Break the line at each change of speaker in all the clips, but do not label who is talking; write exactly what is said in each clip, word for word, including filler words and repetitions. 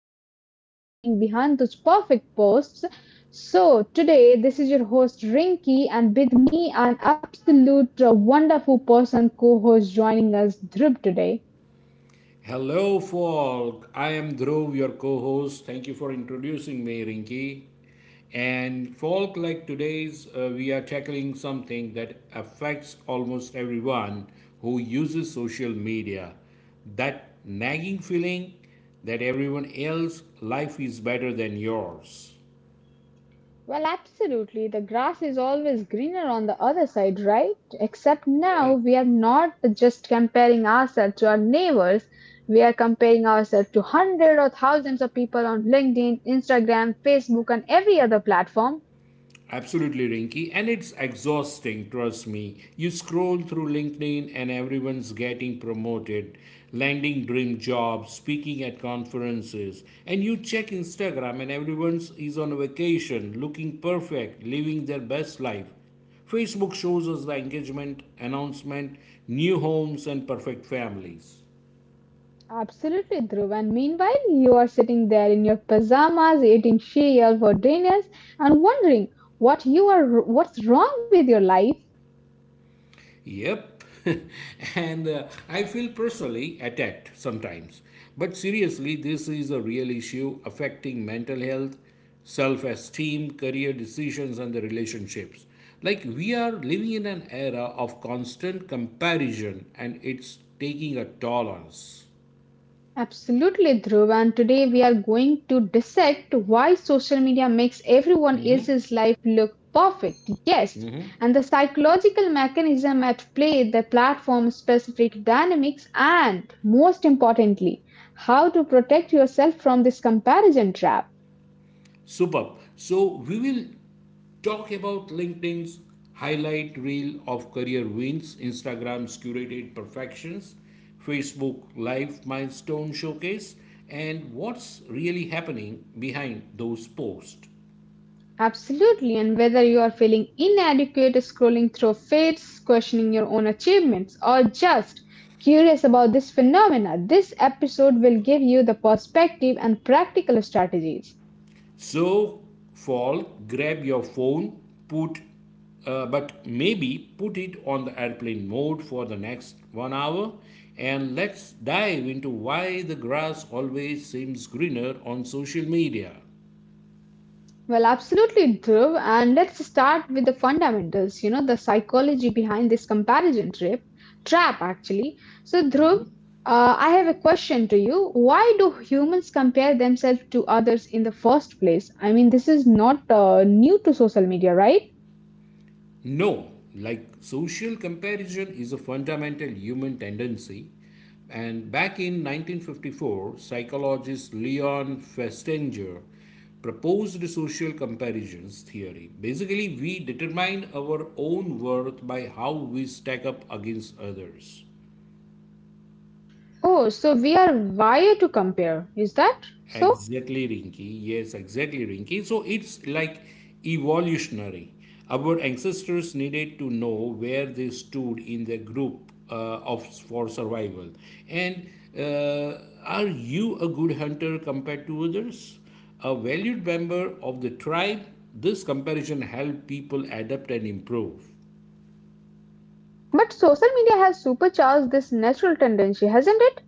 what's really happening behind those perfect posts. So today, this is your host Rinky, and with me, an absolute uh, wonderful person co-host joining us, Dhruv, today.
Hello, folk. I am Dhruv, your co host. Thank you for introducing me, Rinki. And, folk, like today's, uh, we are tackling something that affects almost everyone who uses social media, that nagging feeling that everyone else's life is better than yours.
Well, absolutely. The grass is always greener on the other side, right? Except now
Right.
we are not just comparing ourselves to our neighbors. We are comparing ourselves to hundreds or thousands of people on LinkedIn, Instagram, Facebook, and every other platform.
Absolutely, Rinky. And it's exhausting, trust me. You scroll through LinkedIn and everyone's getting promoted, landing dream jobs, speaking at conferences. And you check Instagram and everyone's is on vacation, looking perfect, living their best life. Facebook shows us the engagement, announcement, new homes, and perfect families.
Absolutely, Dhruv. And meanwhile, you are sitting there in your pajamas, eating cereal for dinners, and wondering what you are, what's wrong with your life.
Yep. and uh, I feel personally attacked sometimes. But seriously, this is a real issue affecting mental health, self esteem, career decisions, and the relationships. Like, we are living in an era of constant comparison, and it's taking a toll on us.
Absolutely, Dhruv. And today we are going to dissect why social media makes everyone else's life look perfect. Yes, and the psychological mechanism at play, the platform specific dynamics, and most importantly, how to protect yourself from this comparison trap.
Superb. So we will talk about LinkedIn's highlight reel of career wins, Instagram's curated perfections, Facebook live milestone showcase, and what's really happening behind those posts.
Absolutely. And whether you are feeling inadequate, scrolling through feeds, questioning your own achievements, or just curious about this phenomena, this episode will give you the perspective and practical strategies.
So, fall, grab your phone, put uh, but maybe put it on the airplane mode for the next one hour and let's dive into why the grass always seems greener on social media.
Well, absolutely, Dhruv. And let's start with the fundamentals, you know, the psychology behind this comparison trip, trap, actually. So, Dhruv, uh, I have a question to you. Why do humans compare themselves to others in the first place? I mean, this is not uh, new to social media, right?
No, like social comparison is a fundamental human tendency. And back in nineteen fifty-four, psychologist Leon Festinger proposed social comparisons theory. Basically, we determine our own worth by how we stack up against others.
Oh, so we are wired to compare, is that so?
Exactly, Rinky. Yes, exactly, Rinky. So it's like evolutionary. Our ancestors needed to know where they stood in the group uh, of for survival. And uh, are you a good hunter compared to others? A valued member of the tribe. This comparison helped people adapt and improve.
But social media has supercharged this natural tendency, hasn't it?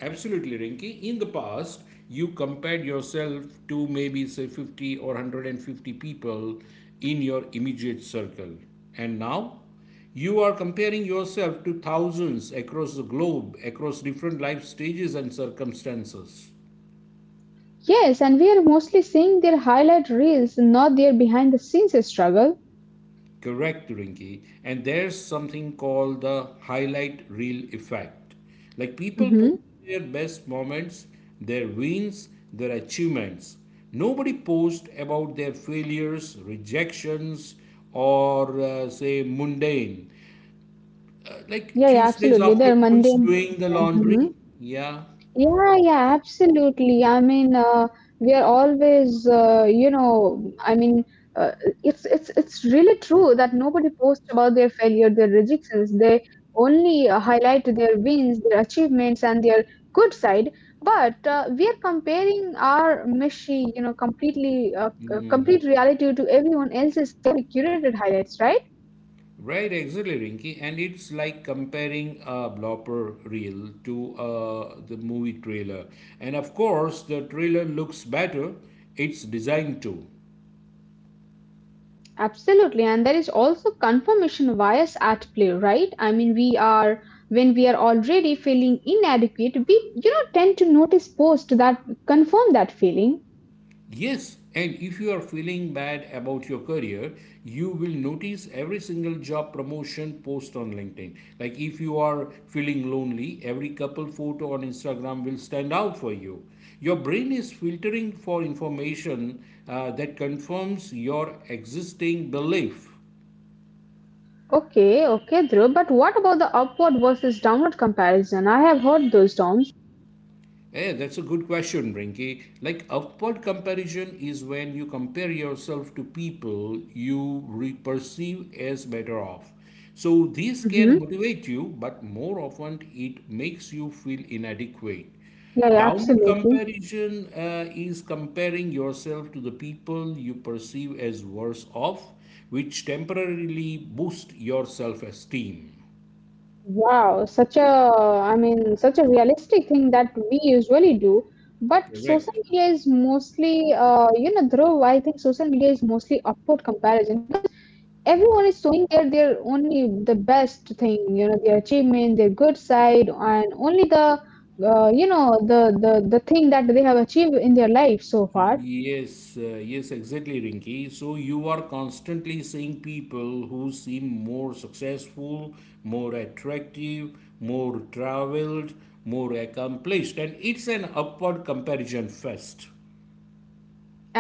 Absolutely, Rinki. In the past, you compared yourself to maybe say fifty or one hundred fifty people in your immediate circle. And now, you are comparing yourself to thousands across the globe, across different life stages and circumstances.
Yes, and we are mostly seeing their highlight reels, not their behind the scenes struggle.
Correct, Rinky. And there's something called the highlight reel effect. Like people post
Mhm.
their best moments, their wins, their achievements. Nobody posts about their failures, rejections, or uh, say mundane. Uh, like
Yeah, yeah,
Tuesday's
absolutely. They're
afternoons
mundane
doing the
things. Mm-hmm.
laundry. Yeah.
Yeah, yeah, absolutely. I mean, uh, we are always, uh, you know, I mean, uh, it's it's it's really true that nobody posts about their failure, their rejections. They only uh, highlight their wins, their achievements, and their good side. But uh, we are comparing our meshy, you know, completely uh, c-
Mm.
complete reality to everyone else's carefully curated highlights, right?
Right, exactly, Rinky. And it's like comparing a blooper reel to uh, the movie trailer. And of course, the trailer looks better. It's designed to.
Absolutely, and there is also confirmation bias at play, right? I mean, we are when we are already feeling inadequate, we, you know, tend to notice posts that confirm that feeling.
Yes, and if you are feeling bad about your career, you will notice every single job promotion post on LinkedIn. Like if you are feeling lonely, every couple photo on Instagram will stand out for you. Your brain is filtering for information uh, that confirms your existing belief.
Okay, okay, Dhruv, but what about the upward versus downward comparison? I have heard those terms.
Yeah, that's a good question, Rinky. Like upward comparison is when you compare yourself to people you re- perceive as better off. So this
Mm-hmm.
can motivate you, but more often it makes you feel inadequate.
Yeah, yeah,
Downward
absolutely.
comparison uh, is comparing yourself to the people you perceive as worse off, which temporarily boosts your self-esteem.
Wow, such a, I mean, such a realistic thing that we usually do. But social
Correct.
media is mostly, uh, you know, Dhruv, I think social media is mostly upward comparison. Everyone is showing their their only the best thing, you know, their achievement, their good side, and only the uh, you know, the the the thing that they have achieved in their life so far.
Yes, uh, yes, exactly, Rinki. So you are constantly seeing people who seem more successful, more attractive, more traveled, more accomplished, and it's an upward comparison fest.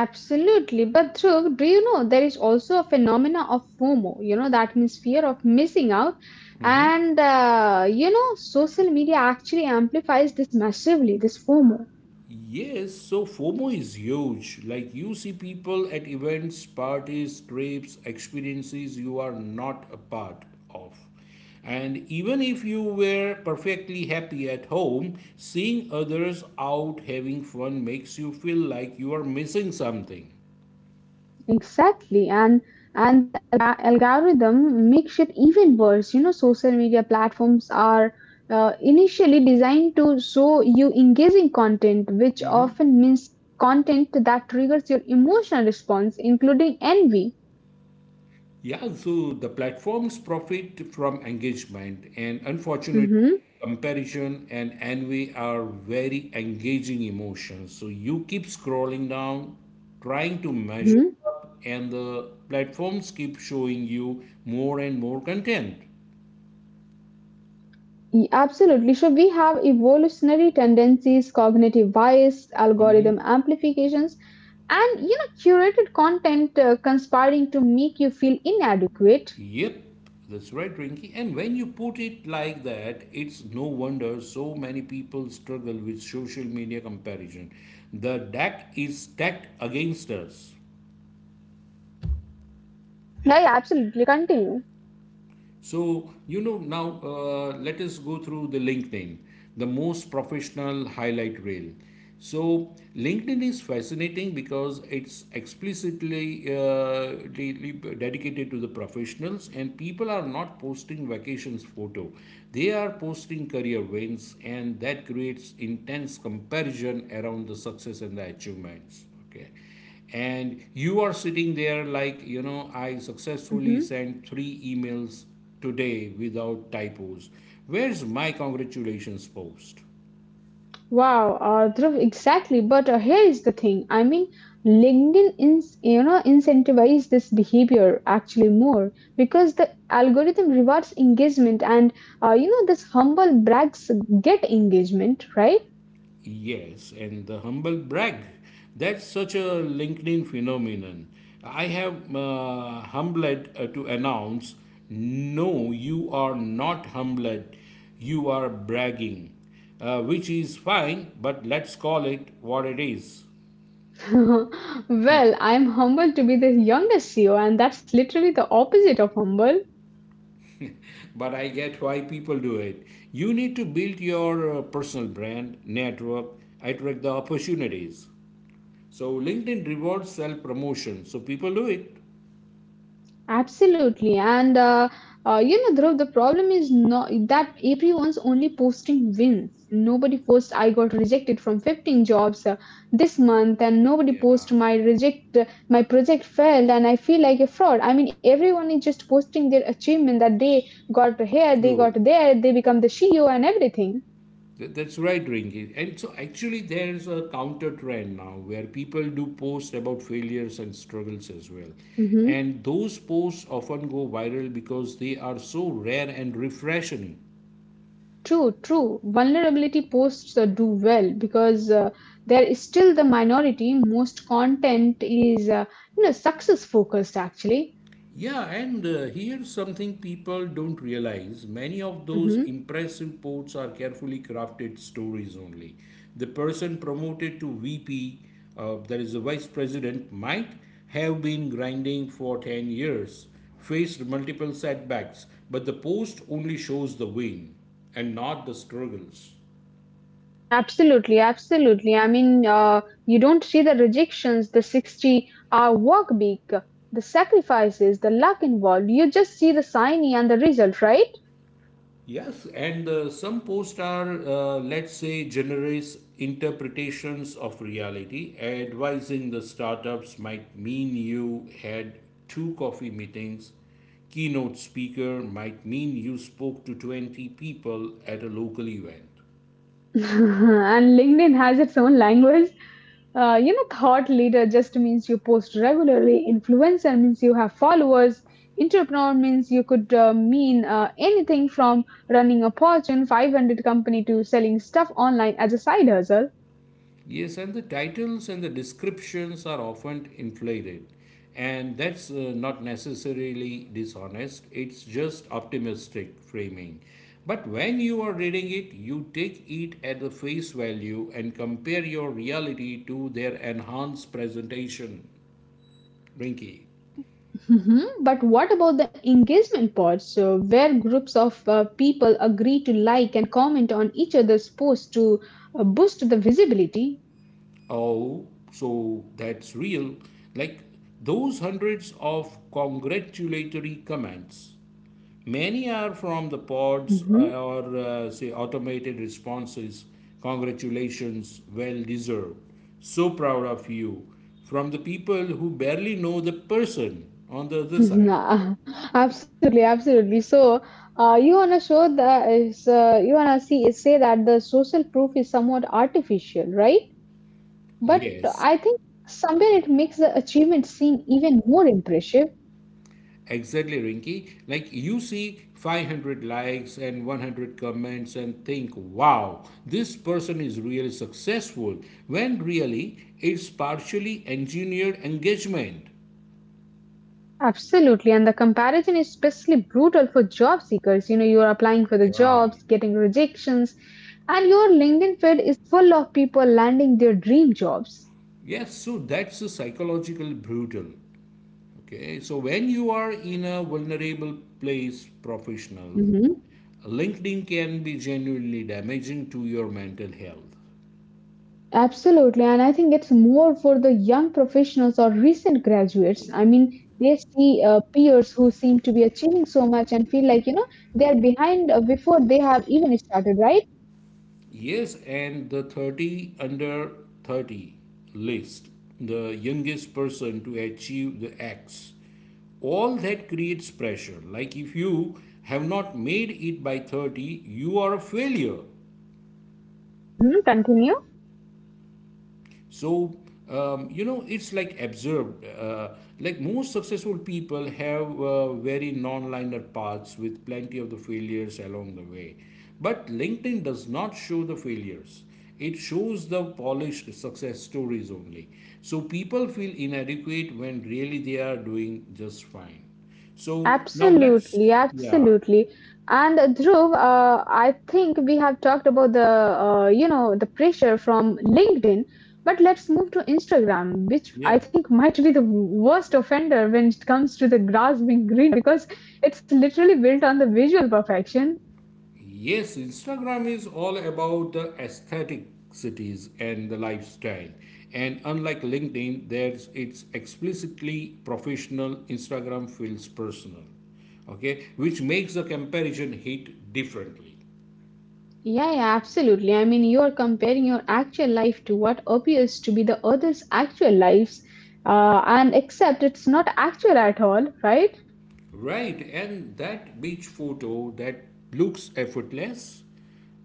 Absolutely, but Dhruv, do you know there is also a phenomena of FOMO, you know, that means fear of missing out. And uh, you know, social media actually amplifies this massively, this FOMO.
Yes, so FOMO is huge. Like you see people at events, parties, trips, experiences you are not a part of. And even if you were perfectly happy at home, seeing others out having fun makes you feel like you are missing something.
Exactly, and and the alg- algorithm makes it even worse. You know, social media platforms are uh, initially designed to show you engaging content, which often means content that triggers your emotional response, including envy.
Yeah, so the platforms profit from engagement, and unfortunately,
Hmm.
comparison and envy are very engaging emotions. So you keep scrolling down, trying to measure
Hmm.
up, and the platforms keep showing you more and more content.
Absolutely. So we have evolutionary tendencies, cognitive bias, algorithm amplifications, and, you know, curated content uh, conspiring to make you feel inadequate.
Yep, that's right, Rinky. And when you put it like that, it's no wonder so many people struggle with social media comparison. The deck is stacked against us.
Yeah, yeah, absolutely. Continue.
So, you know, now uh, let us go through the LinkedIn, the most professional highlight reel. So, LinkedIn is fascinating because it's explicitly uh, really dedicated to the professionals, and people are not posting vacations photo. They are posting career wins, and that creates intense comparison around the success and the achievements. Okay, and you are sitting there like, you know, I successfully
Mm-hmm.
sent three emails today without typos. Where's my congratulations post?
Wow, uh, Dhruv, exactly. But uh, here is the thing. I mean, LinkedIn ins you know, incentivize this behavior actually more because the algorithm rewards engagement, and uh, you know, this humble brags get engagement, right?
Yes, and the humble brag, that's such a LinkedIn phenomenon. I have uh, humbled uh, to announce. No, you are not humbled, you are bragging, uh, which is fine, but let's call it what it is.
Well, I'm humble to be the youngest C E O, and that's literally the opposite of humble.
But I get why people do it. You need to build your uh, personal brand, network, attract the opportunities. So LinkedIn rewards self promotion, so people do it.
Absolutely, and uh, uh, you know, Dhruv, the problem is not that everyone's only posting wins. Nobody posts I got rejected from fifteen jobs uh, this month, and nobody posts
Yeah,
my reject uh, my project failed, and I feel like a fraud. I mean, everyone is just posting their achievement that they got here, they
true.
got there, they become the C E O and everything.
Th- That's right, Ringy. And so actually, there's a counter trend now where people do post about failures and struggles as well.
Mm-hmm.
And those posts often go viral because they are so rare and refreshing.
True, true. Vulnerability posts uh, do well because uh, they are still the minority. Most content is, uh, you know, success focused actually.
Yeah, and uh, here's something people don't realize. Many of those
Hmm.
impressive posts are carefully crafted stories only. The person promoted to V P, uh, that is the vice president, might have been grinding for ten years, faced multiple setbacks, but the post only shows the win and not the struggles.
Absolutely, absolutely. I mean, uh, you don't see the rejections, the sixty hour work week, the sacrifices, the luck involved. You just see the signing and the result, right?
Yes, and uh, some posts are, uh, let's say, generous interpretations of reality, advising the startups might mean you had two coffee meetings, keynote speaker might mean you spoke to twenty people at a local event.
And LinkedIn has its own language. Uh, you know, thought leader just means you post regularly. Influencer means you have followers. Entrepreneur means you could uh, mean uh, anything from running a Fortune five hundred company to selling stuff online as a side hustle.
Yes, and the titles and the descriptions are often inflated, and that's uh, not necessarily dishonest, it's just optimistic framing. But when you are reading it, you take it at the face value and compare your reality to their enhanced presentation, Rinky.
Mhm. But what about the engagement part? So, where groups of uh, people agree to like and comment on each other's posts to uh, boost the visibility?
Oh, so that's real. Like those hundreds of congratulatory comments. Many are from the pods uh,
Hmm.
or uh, say automated responses. Congratulations, well deserved. So proud of you. From the people who barely know the person on the other side.
Nah, absolutely, absolutely. So, uh, you wanna show that is uh, you wanna see say that the social proof is somewhat artificial, right? But
Yes,
I think somewhere it makes the achievement seem even more impressive.
exactly, Rinky. Like you see five hundred likes and one hundred comments and think, wow, this person is really successful. When really, it's partially engineered engagement.
Absolutely, and the comparison is especially brutal for job seekers. You know, you're applying for the
Yeah.
jobs, getting rejections, and your LinkedIn feed is full of people landing their dream jobs.
Yes, so that's a psychological brutal. Okay, so when you are in a vulnerable place, professional,
Mm-hmm.
LinkedIn can be genuinely damaging to your mental health.
Absolutely, and I think it's more for the young professionals or recent graduates. I mean, they see uh, peers who seem to be achieving so much and feel like, you know, they're behind uh, before they have even started, right?
Yes, and the thirty under thirty list, the youngest person to achieve the X, all that creates pressure. Like if you have not made it by thirty, you are a failure.
Mm-hmm. Continue.
So, um, you know, it's like absurd. Uh, like most successful people have uh, very non-linear paths with plenty of the failures along the way. But LinkedIn does not show the failures. It shows the polished success stories only. So people feel inadequate when really they are doing just fine. So now let's,
Absolutely,
yeah,
absolutely. And uh, Dhruv, uh, I think we have talked about the uh, you know, the pressure from LinkedIn, but let's move to Instagram, which
yeah.
I think might be the worst offender when it comes to the grasping green because it's literally built on the visual perfection.
Yes, Instagram is all about the aesthetic cities and the lifestyle. And unlike LinkedIn, there's it's explicitly professional, Instagram feels personal. Okay, which makes the comparison hit differently.
Yeah, yeah, absolutely. I mean, you are comparing your actual life to what appears to be the others' actual lives, uh, and except it's not actual at all, right?
Right, and that beach photo that looks effortless,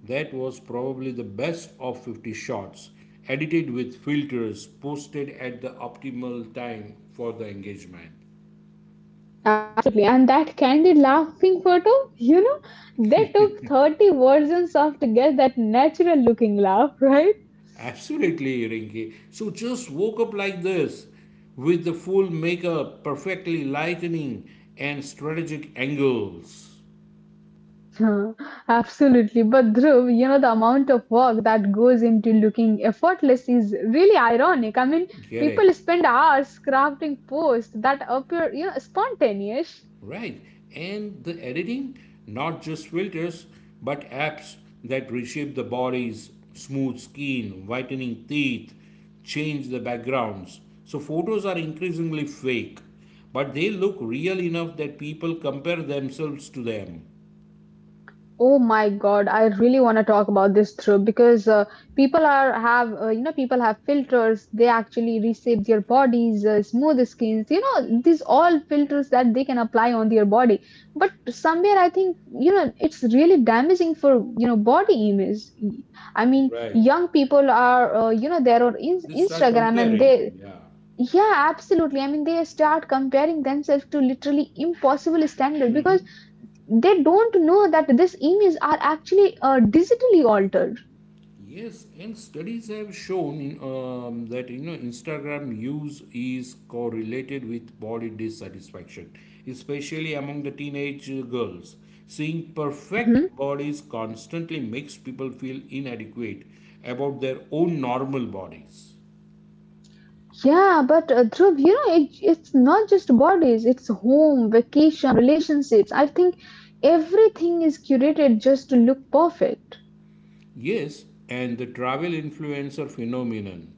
that was probably the best of fifty shots, edited with filters, posted at the optimal time for the engagement.
Absolutely. And that candid laughing photo, you know, they took thirty versions of to get that natural looking laugh, right?
Absolutely, Rinky. So just woke up like this, with the full makeup, perfectly lightning and strategic angles.
Huh. Absolutely. But Dhruv, you know, the amount of work that goes into looking effortless is really ironic. I mean,
Correct.
people spend hours crafting posts that appear, you know, spontaneous.
Right. And the editing, not just filters, but apps that reshape the bodies, smooth skin, whitening teeth, change the backgrounds. So photos are increasingly fake, but they look real enough that people compare themselves to them.
Oh my God, I really want to talk about this through because uh, people are have uh, you know, people have filters. They actually reshape their bodies, uh, smooth skins. You know, these all filters that they can apply on their body. But somewhere, I think, you know, it's really damaging for, you know, body image. I mean,
Right.
young people are uh, you know, they're on in-
They start
Instagram, and
comparing.
they
Yeah.
yeah absolutely. I mean, they start comparing themselves to literally impossible standard because they don't know that these images are actually uh, digitally altered.
Yes, and studies have shown in, um, that you know Instagram use is correlated with body dissatisfaction, especially among the teenage uh, girls. Seeing perfect
Mhm.
bodies constantly makes people feel inadequate about their own normal bodies.
Yeah, but uh, Dhruv, you know, it, it's not just bodies, it's home, vacation, relationships. I think everything is curated just to look perfect.
Yes, and the travel influencer phenomenon.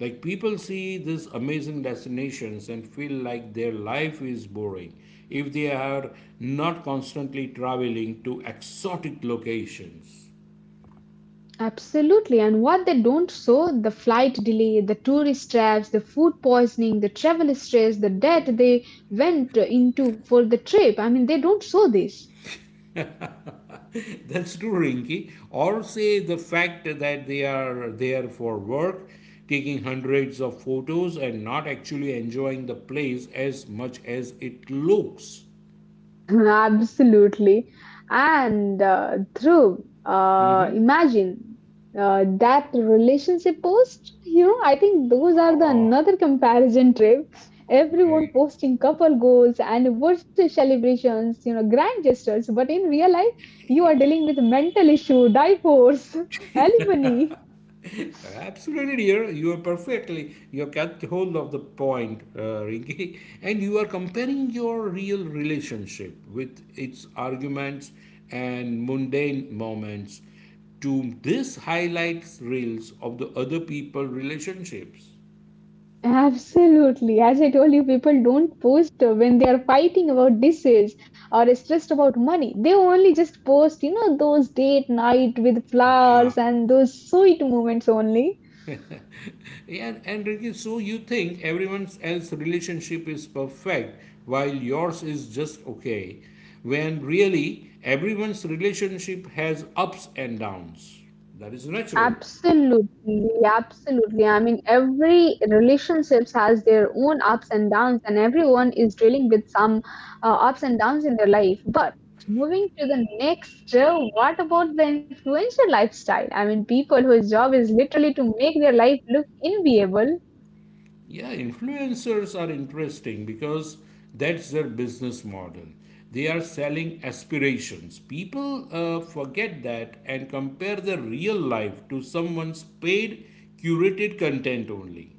Like people see these amazing destinations and feel like their life is boring if they are not constantly traveling to exotic locations.
Absolutely. And what they don't show, the flight delay, the tourist traps, the food poisoning, the travel stress, the debt they went into for the trip. I mean, they don't show this.
That's true, Rinky. Or say the fact that they are there for work, taking hundreds of photos and not actually enjoying the place as much as it looks.
Absolutely. And uh, Dhruv, uh,
Mm-hmm.
imagine uh, that relationship post. You know, I think those are the
Ah,
another comparison trip. Everyone
right.
posting couple goals, and anniversary celebrations, you know, grand gestures. But in real life, you are dealing with mental issue, divorce, alimony.
Absolutely, dear. You are perfectly. You have got hold of the point, uh, Rinki. And you are comparing your real relationship with its arguments and mundane moments to this highlights reels of the other people relationships.
Absolutely. As I told you, people don't post when they are fighting about this or it's just about money. They only just post, you know, those date night with
Yeah.
flowers and those sweet moments only.
Yeah, and, Ricky, so you think everyone else's relationship is perfect while yours is just okay, when really everyone's relationship has ups and downs. That is natural.
Absolutely, absolutely. I mean, every relationships has their own ups and downs, and everyone is dealing with some uh, ups and downs in their life. But moving to the next, uh, what about the influencer lifestyle? I mean, people whose job is literally to make their life look enviable.
Yeah, influencers are interesting because that's their business model. They are selling aspirations. People uh, forget that and compare their real life to someone's paid, curated content only.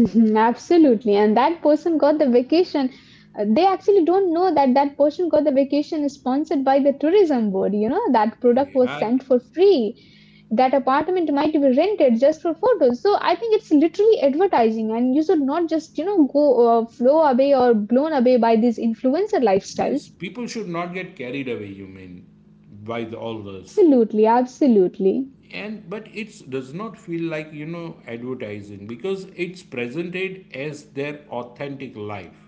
Absolutely. And that person got the vacation. Uh, They actually don't know that that person got the vacation sponsored by the tourism board. You know, that product was
Yeah.
sent for free. That apartment might be rented just for photos. So I think it's literally advertising, and you should not just, you know, go uh, flow away or blown away by these influencer
Yes,
lifestyles.
people should not get carried away, you mean, by the, all this.
Absolutely. Absolutely.
And but it does not feel like, you know, advertising because it's presented as their authentic life.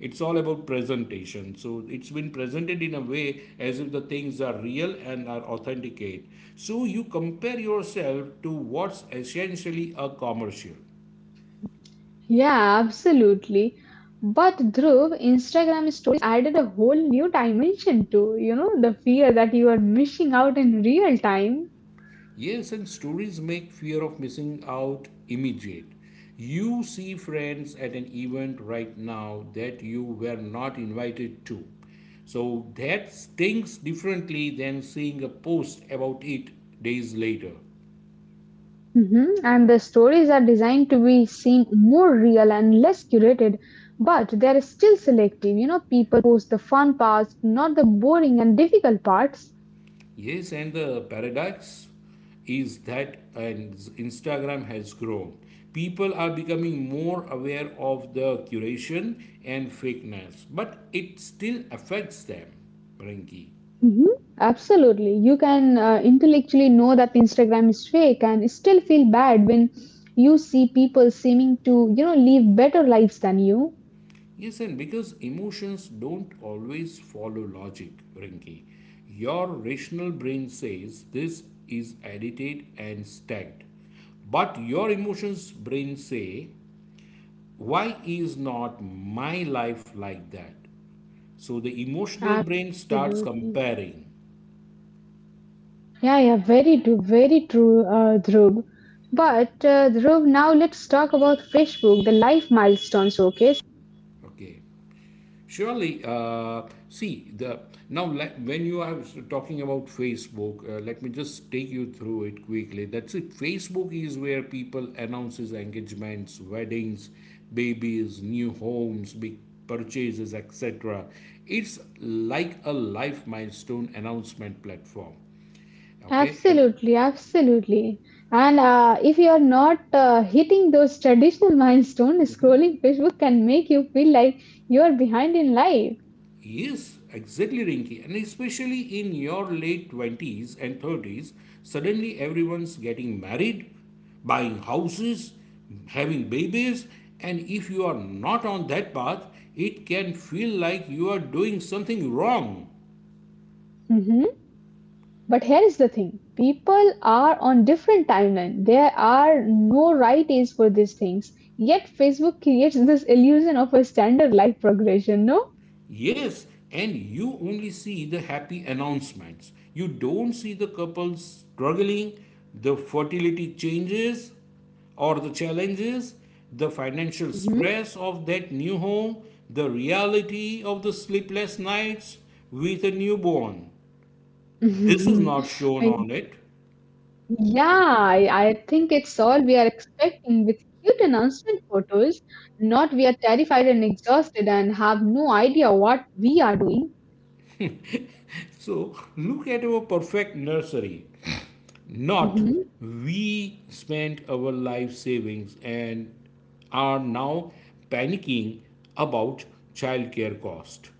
It's all about presentation. So it's been presented in a way as if the things are real and are authenticate. So you compare yourself to what's essentially a commercial.
Yeah, absolutely. But Dhruv, Instagram stories added a whole new dimension to, you know, the fear that you are missing out in real time.
Yes, and stories make fear of missing out immediate. You see friends at an event right now that you were not invited to. So that stings differently than seeing a post about it days later.
Mhm. And the stories are designed to be seen more real and less curated, but they are still selective. You know, people post the fun parts, not the boring and difficult parts.
Yes, and the paradox is that and Instagram has grown. People are becoming more aware of the curation and fakeness, but it still affects them, Rinki.
Mhm. Absolutely. You can uh, intellectually know that Instagram is fake and still feel bad when you see people seeming to, you know, live better lives than you.
Yes, and because emotions don't always follow logic, Rinki, your rational brain says this is edited and stacked. But your emotions brain say, why is not my life like that? So the emotional brain starts
Absolutely.
comparing.
Yeah, yeah, very true, very true, uh, Dhruv. But uh, Dhruv, now let's talk about Facebook, the life milestone showcase.
Okay. Surely, uh, see the now let, when you are talking about Facebook, uh, let me just take you through it quickly. That's it. Facebook is where people announces engagements, weddings, babies, new homes, big purchases, et cetera. It's like a life milestone announcement platform. Okay, and
Absolutely, absolutely. And uh, if you are not uh, hitting those traditional milestones, scrolling Facebook can make you feel like you are behind in life.
yes, exactly, Rinky. And especially in your late twenties and thirties, suddenly everyone's getting married, buying houses, having babies, and if you are not on that path, it can feel like you are doing something wrong.
Mhm. But here is the thing, people are on different timeline. There are no right age for these things. Yet Facebook creates this illusion of a standard life progression, no?
Yes, and you only see the happy announcements. You don't see the couples struggling, the fertility changes or the challenges, the financial
Mhm.
stress of that new home, the reality of the sleepless nights with a newborn. This is not shown
I,
on it.
yeah, I, I think it's all we are expecting with cute announcement photos, not we are terrified and exhausted and have no idea what we are doing.
So look at our perfect nursery. Not we spent our life savings and are now panicking about childcare cost.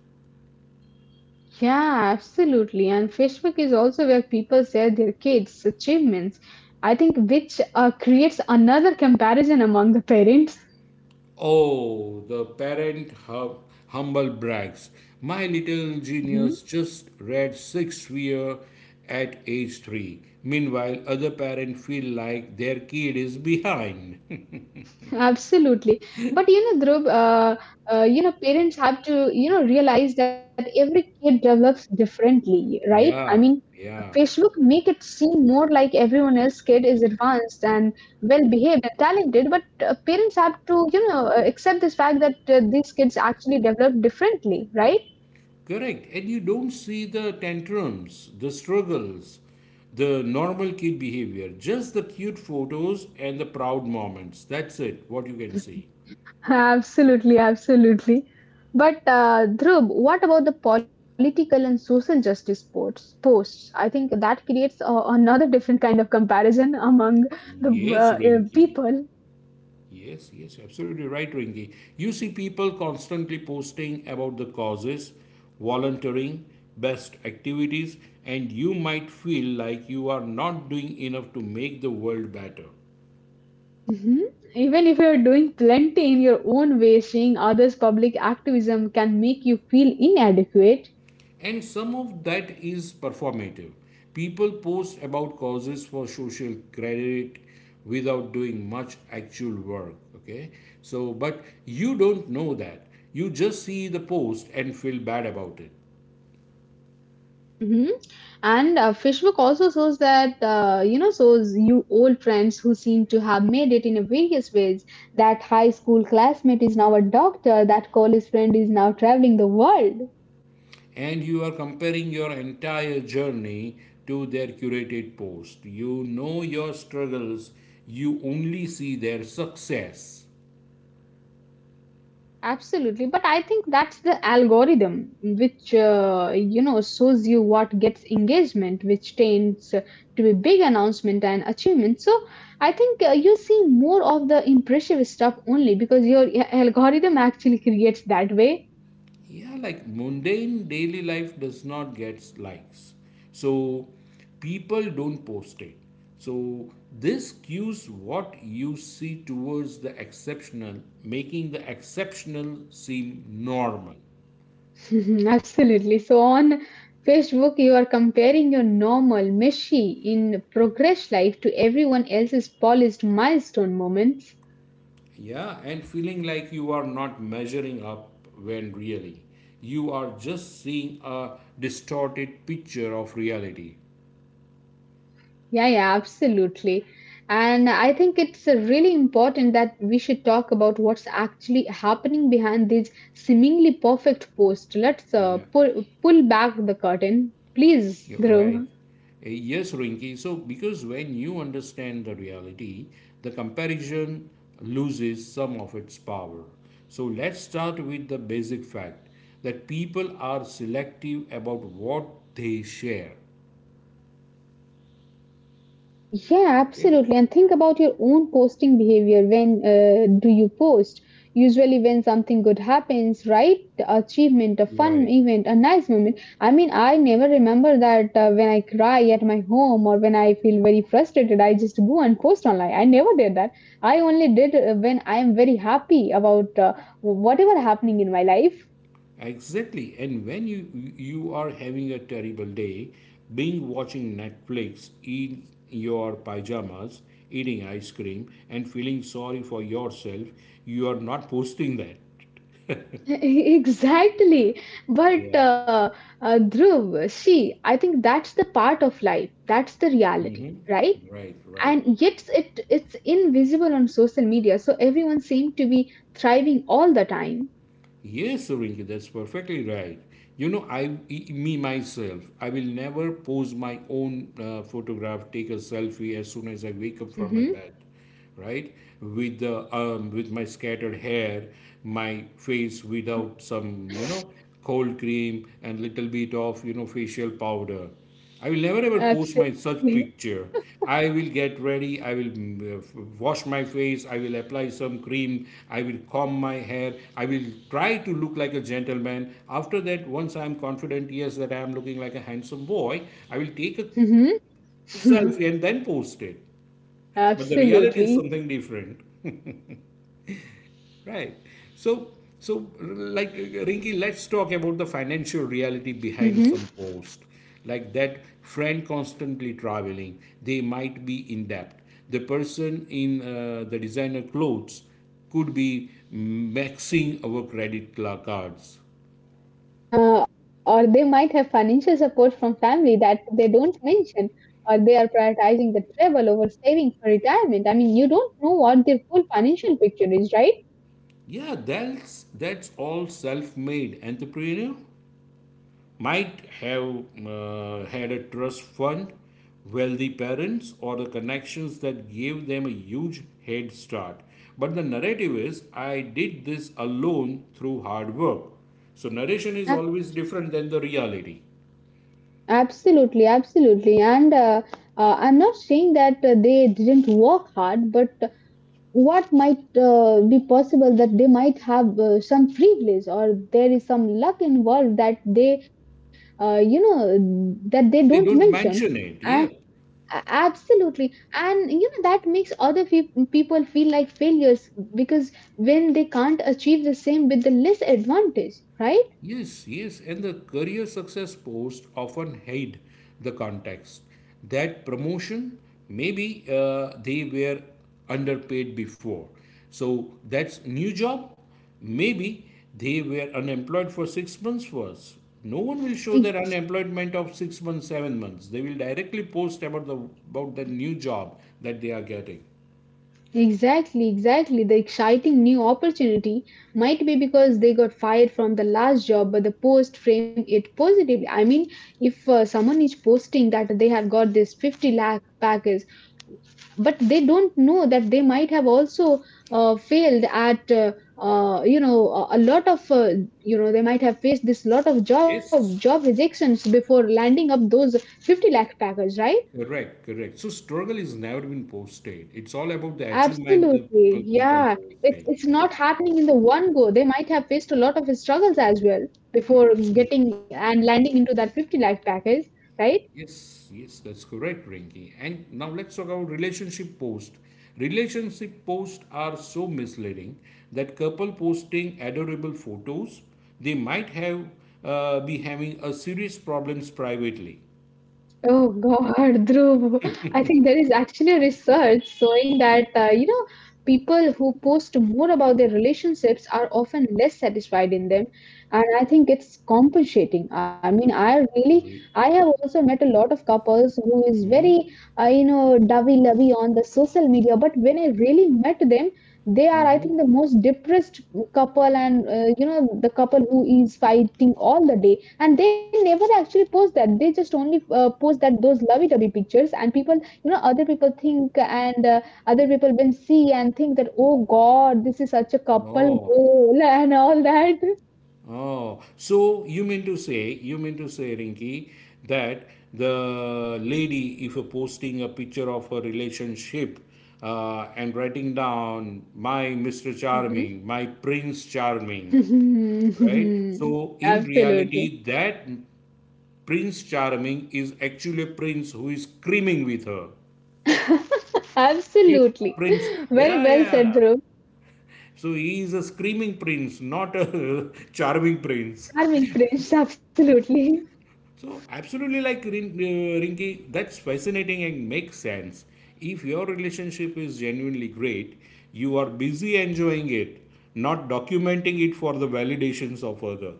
Yeah, absolutely. And Facebook is also where people share their kids' achievements. I think which uh, creates another comparison among the parents.
Oh, the parent hum- humble brags. My little
Hmm?
genius just read sixth year at age three. Meanwhile, other parents feel like their kid is behind.
Absolutely. But you know, Dhruv, uh, uh, you know, parents have to, you know, realize that every kid develops differently, right? I
Yeah,
mean,
yeah.
Facebook make it seem more like everyone else kid is advanced and well behaved and talented, but uh, parents have to, you know, uh, accept this fact that uh, these kids actually develop differently, right?
Correct. And you don't see the tantrums, the struggles, the normal kid behavior, just the cute photos and the proud moments. That's it, what you can see.
Absolutely, absolutely. But uh, Dhruv, what about the political and social justice posts? Posts. I think that creates uh, another different kind of comparison among the
Yes,
uh, uh,
Rinky.
people.
Yes, yes, absolutely right, Rinky. You see people constantly posting about the causes, volunteering, best activities, and you might feel like you are not doing enough to make the world better.
Mhm. Even if you're doing plenty in your own way, seeing others' public activism can make you feel inadequate.
And some of that is performative. People post about causes for social credit without doing much actual work. Okay, so but you don't know that. You just see the post and feel bad about it.
Hmm. And uh, Facebook also shows that, uh, you know, shows you old friends who seem to have made it in various ways. That high school classmate is now a doctor. That college friend is now traveling the world.
And you are comparing your entire journey to their curated post. You know your struggles, you only see their success.
Absolutely, but I think that's the algorithm which, uh, you know, shows you what gets engagement, which tends to be big announcement and achievement. So I think uh, you see more of the impressive stuff only because your uh, algorithm actually creates that way.
Yeah, like mundane daily life does not get likes, so people don't post it, so this cues what you see towards the exceptional, making the exceptional seem normal.
Absolutely. So on Facebook, you are comparing your normal, mushy in progress life to everyone else's polished milestone moments.
Yeah, and feeling like you are not measuring up when really you are just seeing a distorted picture of reality.
Yeah, yeah, absolutely. And I think it's uh, really important that we should talk about what's actually happening behind these seemingly perfect posts. Let's uh,
Yeah,
pull, pull back the curtain, please,
you're
Dhruv.
right. Uh, Yes, Rinki. So, because when you understand the reality, the comparison loses some of its power. So, let's start with the basic fact that people are selective about what they share.
Yeah,
Okay?
absolutely. And think about your own posting behavior. When uh, do you post? Usually, when something good happens, right? Achievement, a
You're
fun
right.
event, a nice moment. I mean, I never remember that, uh, when I cry at my home or when I feel very frustrated, I just go and post online. I never did that. I only did, uh, when I am very happy about, uh, whatever happening in my life.
Exactly. And when you you are having a terrible day, being watching Netflix in your pajamas, eating ice cream and feeling sorry for yourself, you are not posting that.
Exactly. But
Yeah,
uh, uh, Dhruv, see, I think that's the part of life. That's the reality, right?
right, right.
And yet it it's invisible on social media, so everyone seems to be thriving all the time.
Yes, Rinki, that's perfectly right. You know, I e, me myself, I will never pose my own uh, photograph, take a selfie as soon as I wake up from my
Mm-hmm.
bed, right? With the um, with my scattered hair, my face without some, you know, cold cream and little bit of you know facial powder. I will never ever post my
Absolutely.
such picture. I will get ready. I will mm, uh, f- wash my face. I will apply some cream. I will comb my hair. I will try to look like a gentleman. After that, once I'm confident, yes, that I am looking like a handsome boy, I will take a
Mm-hmm.
selfie and then post it. But the reality is
Absolutely.
something different. Right. So, so like Rinki, let's talk about the financial reality behind some
Mhm.
posts. Like that friend constantly traveling, they might be in debt. The person in uh, the designer clothes could be maxing our credit cla- cards.
Uh, or they might have financial support from family that they don't mention, or they are prioritizing the travel over saving for retirement. I mean, you don't know what their full financial picture is, right?
Yeah, that's that's all self-made entrepreneur. Might have uh, had a trust fund, wealthy parents, or the connections that gave them a huge head start. But the narrative is, I did this alone through hard work. So, narration is
Ab-
always different than the reality.
Absolutely, absolutely. And uh, uh, I'm not saying that uh, they didn't work hard, but what might uh, be possible that they might have uh, some privilege or there is some luck involved that they, uh, you know, that they don't
They don't
mention,
mention
and
it, yeah.
absolutely, and you know that makes other fe- people feel like failures because when they can't achieve the same with the less advantage, right.
Yes, yes, and the career success post often hide the context that promotion, maybe uh, they were underpaid before. So that's new job. Maybe they were unemployed for six months first. No one will show their unemployment of six months, seven months. They will directly post about the about the new job that they are getting.
Exactly, exactly. The exciting new opportunity might be because they got fired from the last job, but the post frame it positively. I mean, if uh, someone is posting that they have got this fifty lakh package, but they don't know that they might have also uh, failed at, uh, uh, you know, a a lot of, uh, you know, they might have faced this lot of job job
Yes,
rejections before landing up those fifty lakh package, right?
correct, correct. So struggle is never been posted. It's all about the achievement the
Absolutely.
people keep on
Yeah. It's
posting.
it's
Yeah,
not happening in the one go. They might have faced a lot of struggles as well before
absolutely.
getting and landing into that fifty lakh package, right?
Yes, yes, that's correct, Rinki. And now let's talk about relationship post. Relationship posts are so misleading, that couple posting adorable photos, they might have uh, be having a serious problems privately.
Oh God. Dhruv, I think there is actually a research showing that, uh, you know, people who post more about their relationships are often less satisfied in them, and I think it's compensating. I mean, I really,
Re-
I have also met a lot of couples who is very, uh, you know, lovey-dovey on the social media, but when I really met them, they are I think the most depressed couple, and, uh, you know, the couple who is fighting all the day and they never actually post that, they just only uh, post that those lovey-dovey pictures, and people, you know, other people think, and, uh, other people will see and think that, oh god, this is such a couple
No.
goal, and all that.
Oh, so you mean to say, you mean to say, Rinki, that the lady, if you're posting a picture of her relationship uh, and writing down my Mister
Mhm.
Charming, my Prince Charming, right? So in
Absolutely.
reality, that Prince Charming is actually a prince who is screaming with her. He's
Absolutely,
a prince.
very
Yeah,
well said,
yeah.
Dhruv.
So he is a screaming prince, not a charming prince.
Charming French. Absolutely.
So absolutely, like Rin- uh, Rinki, that's fascinating and makes sense. If your relationship is genuinely great, you are busy enjoying it, not documenting it for the validations of other.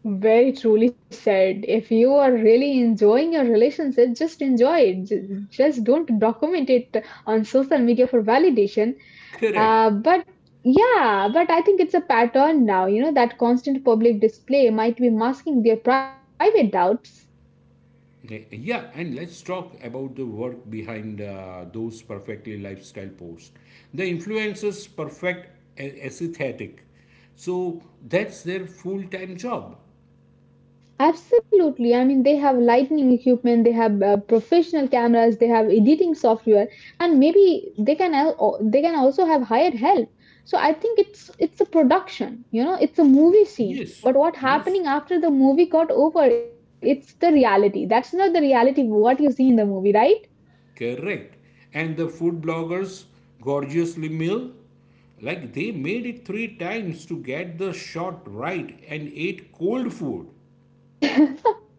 Very truly said. If you are really enjoying your relationship, just enjoy it. Ju- Just don't document it on social media for validation.
Correct.
Uh, but yeah, but I think it's a pattern now, you know, that constant public display might be masking their private doubts.
Eh, Yeah, and let's talk about the work behind uh, those perfectly lifestyle posts. The influencers perfect a- aesthetic, so that's their full time job.
Absolutely. I mean, they have lighting equipment, they have uh, professional cameras, they have editing software, and maybe they can al- they can also have hired help. So I think it's it's a production, you know, it's a movie scene.
Yes,
But what
yes.
happening after the movie got over, it's the reality. That's not the reality of what you see in the movie, right?
Correct. And the food bloggers gorgeously meal, like they made it three times to get the shot right and ate cold food.
The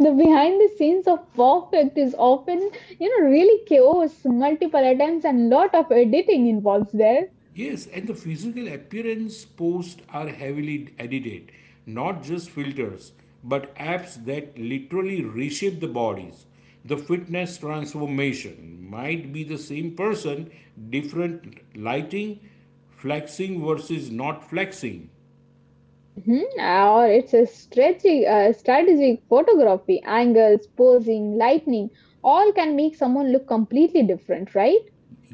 behind the scenes of perfect is often, you know, really chaos, multiple attempts, and lot of editing involves there.
Yes, and the physical appearance posts are heavily edited, not just filters, but apps that literally reshape the bodies. The fitness transformation might be the same person, different lighting, flexing versus not flexing.
Mhm. Or it's a strategic, uh, strategic photography, angles, posing, lighting, all can make someone look completely different, right?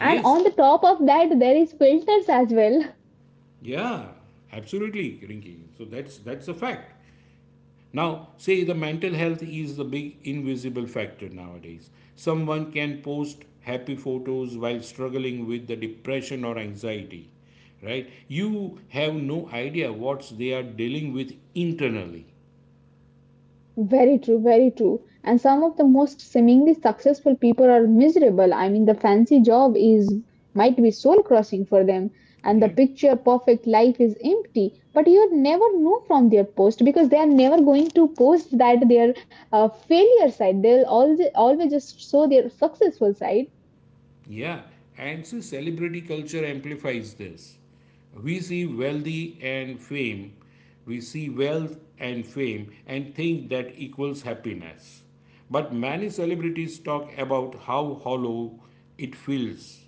And on the top of that, there is filters as well.
yeah, absolutely, Rinky. So that's that's a fact. Now, say the mental health is the big invisible factor nowadays. Someone can post happy photos while struggling with the depression or anxiety, right? You have no idea what they are dealing with internally.
Very true, very true. And some of the most seemingly successful people are miserable. I mean, the fancy job is might be soul crushing for them, and the
Yeah.
picture perfect life is empty. But you never know from their post because they are never going to post that their uh, failure side. They'll always always just show their successful side.
Yeah, and see, celebrity culture amplifies this. We see wealthy and fame, we see wealth and fame, and think that equals happiness. But many celebrities talk about how hollow it feels.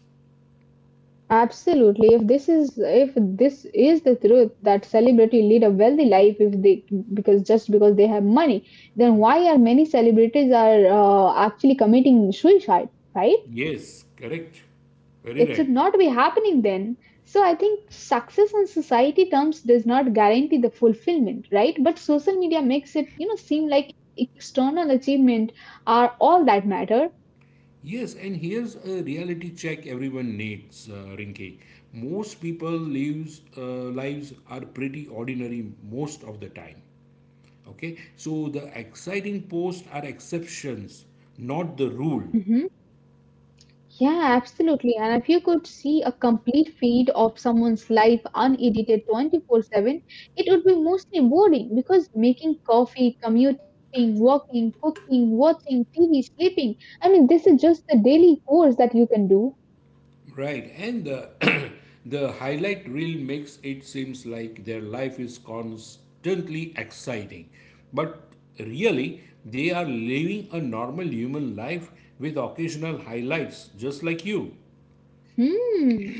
Absolutely. If this is, if this is the truth that celebrity lead a wealthy life, if they, because just because they have money, then why are many celebrities are uh, actually committing suicide, right?
Yes, correct. Very
It
right.
should not be happening then. So I think success in society terms does not guarantee the fulfillment, right? But social media makes it, you know, seem like external achievement are all that matter.
Yes, and here's a reality check everyone needs, uh, Rinki. Most people lives uh, lives are pretty ordinary most of the time. Okay, so the exciting posts are exceptions, not the rule,
Mhm. Yeah, absolutely. And if you could see a complete feed of someone's life unedited twenty-four seven, it would be mostly boring because making coffee, commuting, walking, cooking, watching T V, sleeping. I mean, this is just the daily course that you can do.
right? And the the highlight reel makes it seems like their life is constantly exciting, but really they are living a normal human life with occasional highlights, just like you.
Hmm.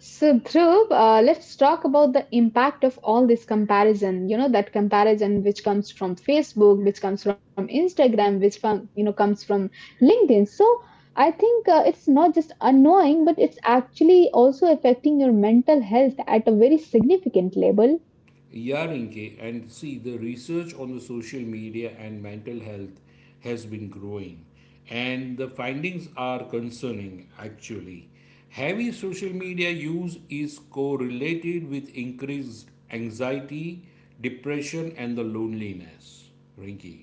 So, Dhruv, uh, let's talk about the impact of all this comparison. You know, that comparison which comes from Facebook, which comes from Instagram, which from, you know, comes from LinkedIn. So, I think uh, it's not just annoying, but it's actually also affecting your mental health at a very significant level.
Yarinke, and see the research on the social media and mental health has been growing, and the findings are concerning actually. Heavy social media use is correlated with increased anxiety, depression, and the loneliness. Rinky.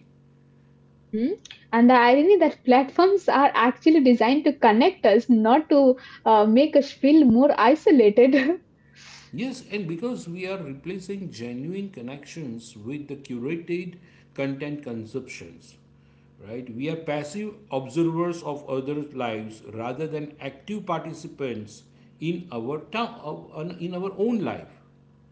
Mhm. And the irony that platforms are actually designed to connect us, not to, uh, make us feel more isolated.
Yes, and because we are replacing genuine connections with the curated content consumptions, right? We are passive observers of others' lives rather than active participants in our town, in our own life.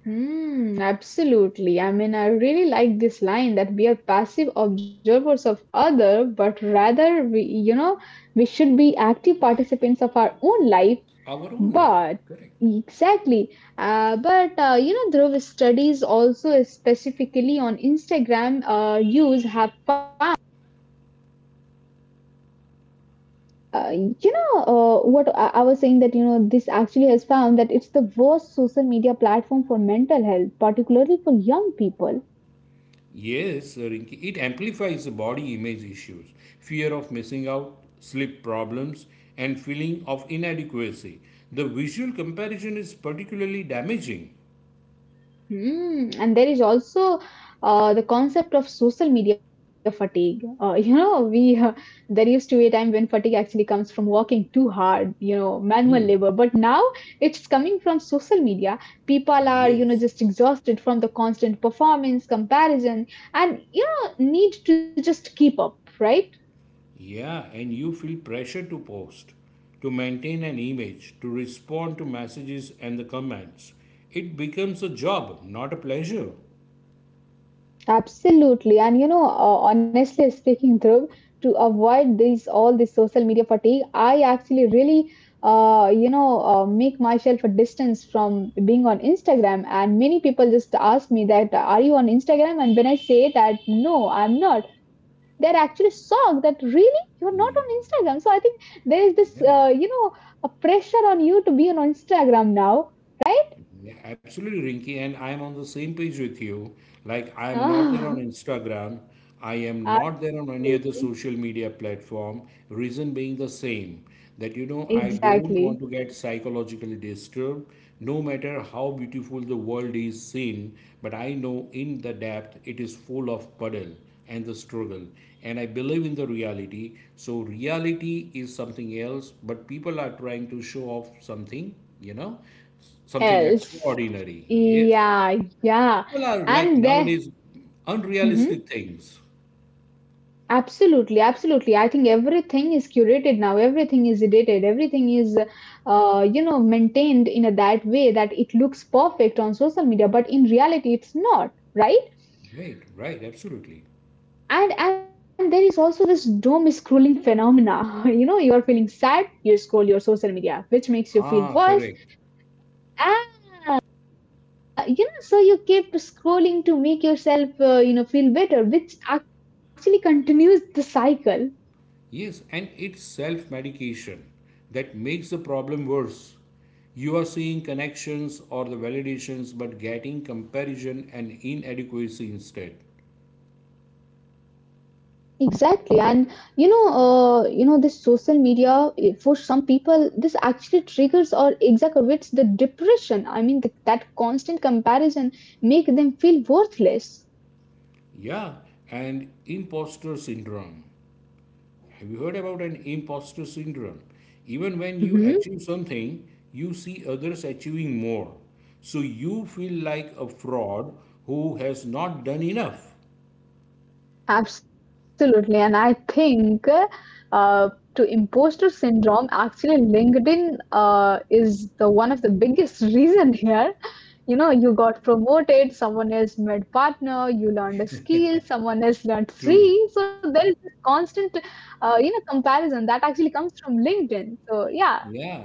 Hmm, absolutely. I mean, I really like this line that we are passive observers of other, but rather we, you know, we should be active participants of our own life.
Our own life,
But
correct?
exactly, uh, but, uh, you know, Dhruv, studies also specifically on Instagram uh, use have found. Uh, you know, uh, what I, I was saying that, you know, this actually has found that it's the worst social media platform for mental health, particularly for young people.
Yes, Rinki, it amplifies the body image issues, fear of missing out, sleep problems, and feeling of inadequacy. The visual comparison is particularly damaging.
Hmm. And there is also uh, the concept of social media fatigue. Uh, you know, we uh, there used to be a time when fatigue actually comes from working too hard, you know, manual
Hmm.
labor. But now it's coming from social media. People are, you know,
Yes,
just exhausted from the constant performance comparison, and you know, need to just keep up, right?
yeah, and you feel pressure to post, to maintain an image, to respond to messages and the comments. It becomes a job, not a pleasure.
Absolutely. And you know, uh, honestly speaking, Dhruv, to avoid these all this social media fatigue, I actually really, uh, you know, uh, make myself a distance from being on Instagram. And many people just ask me that, are you on Instagram? And when I say that, no, I'm not, they're actually shocked that, really, you're not on
Yeah,
Instagram. So I think there is this, uh,
yeah.
you know, a pressure on you to be on Instagram now, right?
Yeah, absolutely, Rinky, and I am on the same page with you. Like, I am not there on
Ah.
Instagram. I am not there on any
Absolutely.
other social media platform. Reason being the same that, you know, I don't
Exactly.
want to get psychologically disturbed, no matter how beautiful the world is seen. But I know in the depth it is full of puddle and the struggle, and I believe in the reality. So reality is something else, but people are trying to show off something, you know, something
Else.
extraordinary. Yes,
Yeah, yeah.
people are like
And there,
nowadays
hmm,
unrealistic things.
absolutely, absolutely. I think everything is curated now. Everything is edited. Everything is, uh, you know, maintained in a that way that it looks perfect on social media, but in reality, it's not, right?
Right, right, absolutely.
And and there is also this doom scrolling phenomena. You know, you are feeling sad, you scroll your social media, which makes you feel
Ah,
worse,
correct.
and uh, you know, so you keep scrolling to make yourself, uh, you know, feel better, which actually continues the cycle.
Yes, and it's self medication that makes the problem worse. You are seeing connections or the validations, but getting comparison and inadequacy instead.
Exactly, and you know, uh, you know, this social media eh, for some people, this actually triggers or exacerbates the depression. I mean, the, that constant comparison make them feel worthless.
Yeah, and imposter syndrome. Have you heard about an imposter syndrome? Even when you achieve something, you see others achieving more. So you feel like a fraud who has not done enough.
Absolutely, and I think uh, to imposter syndrome, actually LinkedIn uh, is the one of the biggest reason here. You know, you got promoted, someone else made partner, you learned a skill, someone else learned
True.
three. So there is this constant, uh, you know, comparison that actually comes from LinkedIn. So yeah.
Yeah.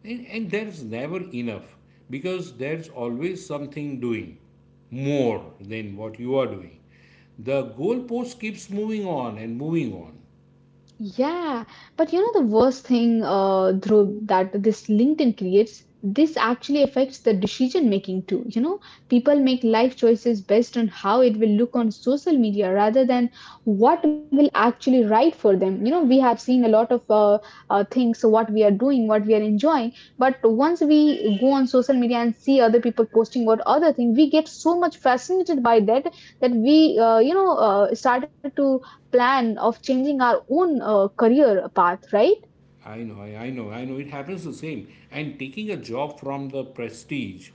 And, and there's never enough because there's always something doing more than what you are doing. The goalpost keeps moving on and moving on.
Yeah, but you know the worst thing, uh, Dhruv, that this LinkedIn creates, this actually affects the decision making too. You know, people make life choices based on how it will look on social media rather than what will actually right for them. You know, we have seen a lot of uh, uh, things, so what we are doing, what we are enjoying, but once we go on social media and see other people posting what other thing, we get so much fascinated by that that we, uh, you know, uh, started to plan of changing our own uh, career path, right?
I know, I, I know, I know. It happens the same. And taking a job from the prestige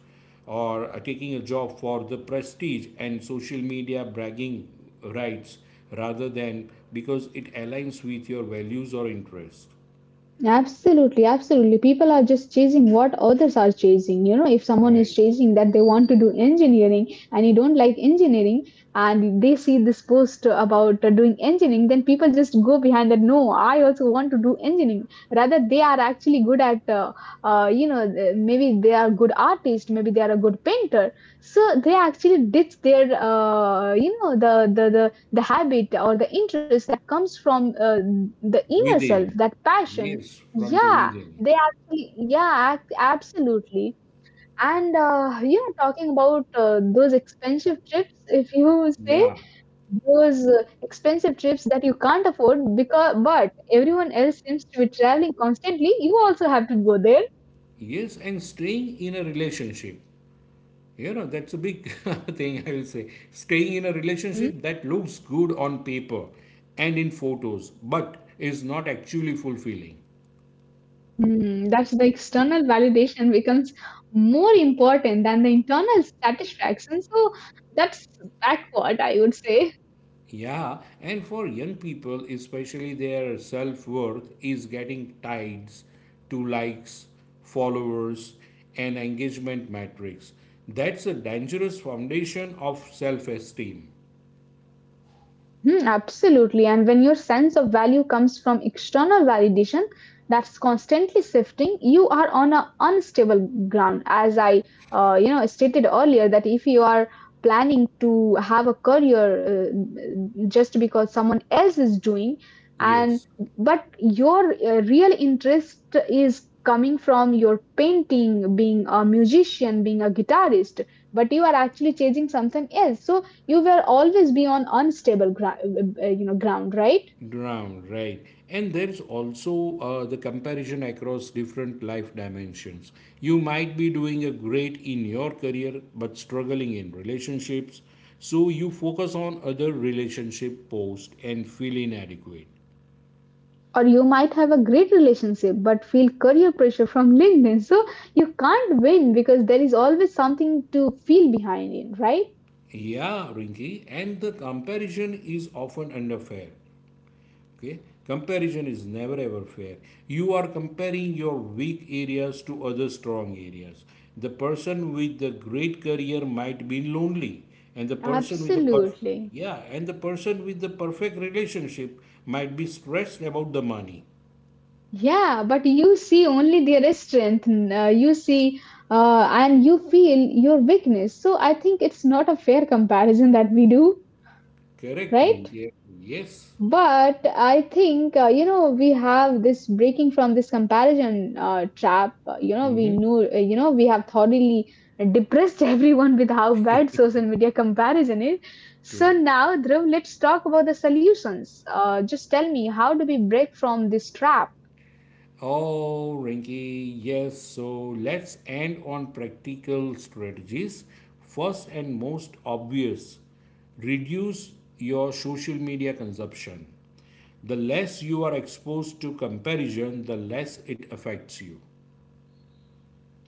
or uh, taking a job for the prestige and social media bragging rights rather than because it aligns with your values or interest.
Absolutely, absolutely. People are just chasing what others are chasing. You know, if someone is
Right.
chasing that they want to do engineering and you don't like engineering and they see this post about uh, doing engineering, then people just go behind that. No, I also want to do engineering. Rather, they are actually good at, uh, uh, you know, th- maybe they are good artist, maybe they are a good painter. So they actually ditch their, uh, you know, the, the, the, the habit or the interest that comes from uh, the inner self,
Within.
that passion.
Yes, from the
Yeah,
within.
they actually, yeah, ac- absolutely. And uh, yeah, talking about uh, those expensive trips, if you say
Yeah.
those uh, expensive trips that you can't afford because, but everyone else seems to be traveling constantly, you also have to go there.
Yes, and staying in a relationship. You know, that's a big thing, I will say. Staying in a
Mhm.
relationship that looks good on paper and in photos, but is not actually fulfilling.
Hmm, that's the external validation becomes more important than the internal satisfaction. So that's backward, I would say.
Yeah, and for young people, especially their self worth is getting tied to likes, followers, and engagement metrics. That's a dangerous foundation of self esteem.
Mhm, absolutely. And when your sense of value comes from external validation that's constantly shifting, you are on a unstable ground. As I, uh, you know, stated earlier, that if you are planning to have a career uh, just because someone else is doing, and
Yes.
but your uh, real interest is coming from your painting, being a musician, being a guitarist, but you are actually chasing something else. So you will always be on unstable gra- uh, uh, you know ground, right?
Drown, right. And there's also uh, the comparison across different life dimensions. You might be doing a great in your career but struggling in relationships, so you focus on other relationship posts and feel inadequate.
Or you might have a great relationship but feel career pressure from LinkedIn, so you can't win because there is always something to feel behind in, right?
Yeah, Rinky, and the comparison is often unfair. Okay, comparison is never ever fair. You are comparing your weak areas to other strong areas. The person with the great career might be lonely, and the person with the perf-
Absolutely.
yeah, and the person with the perfect relationship might be stressed about the money.
Yeah, but you see only their strength, n- uh, you see, uh, and you feel your weakness, so I think it's not a fair comparison that we do,
Correct,
right?
Rinke? Yes.
But I think, uh, you know, we have this breaking from this comparison uh, trap. Uh, You know, we
Mm-hmm.
knew, uh, you know, we have thoroughly depressed everyone with how bad social media comparison is. So
True.
now, Dhruv, let's talk about the solutions. Uh, just tell me, how do we break from this trap?
Oh, Rinky, yes. So let's end on practical strategies. First and most obvious, reduce your social media consumption. The less you are exposed to comparison, the less it affects you.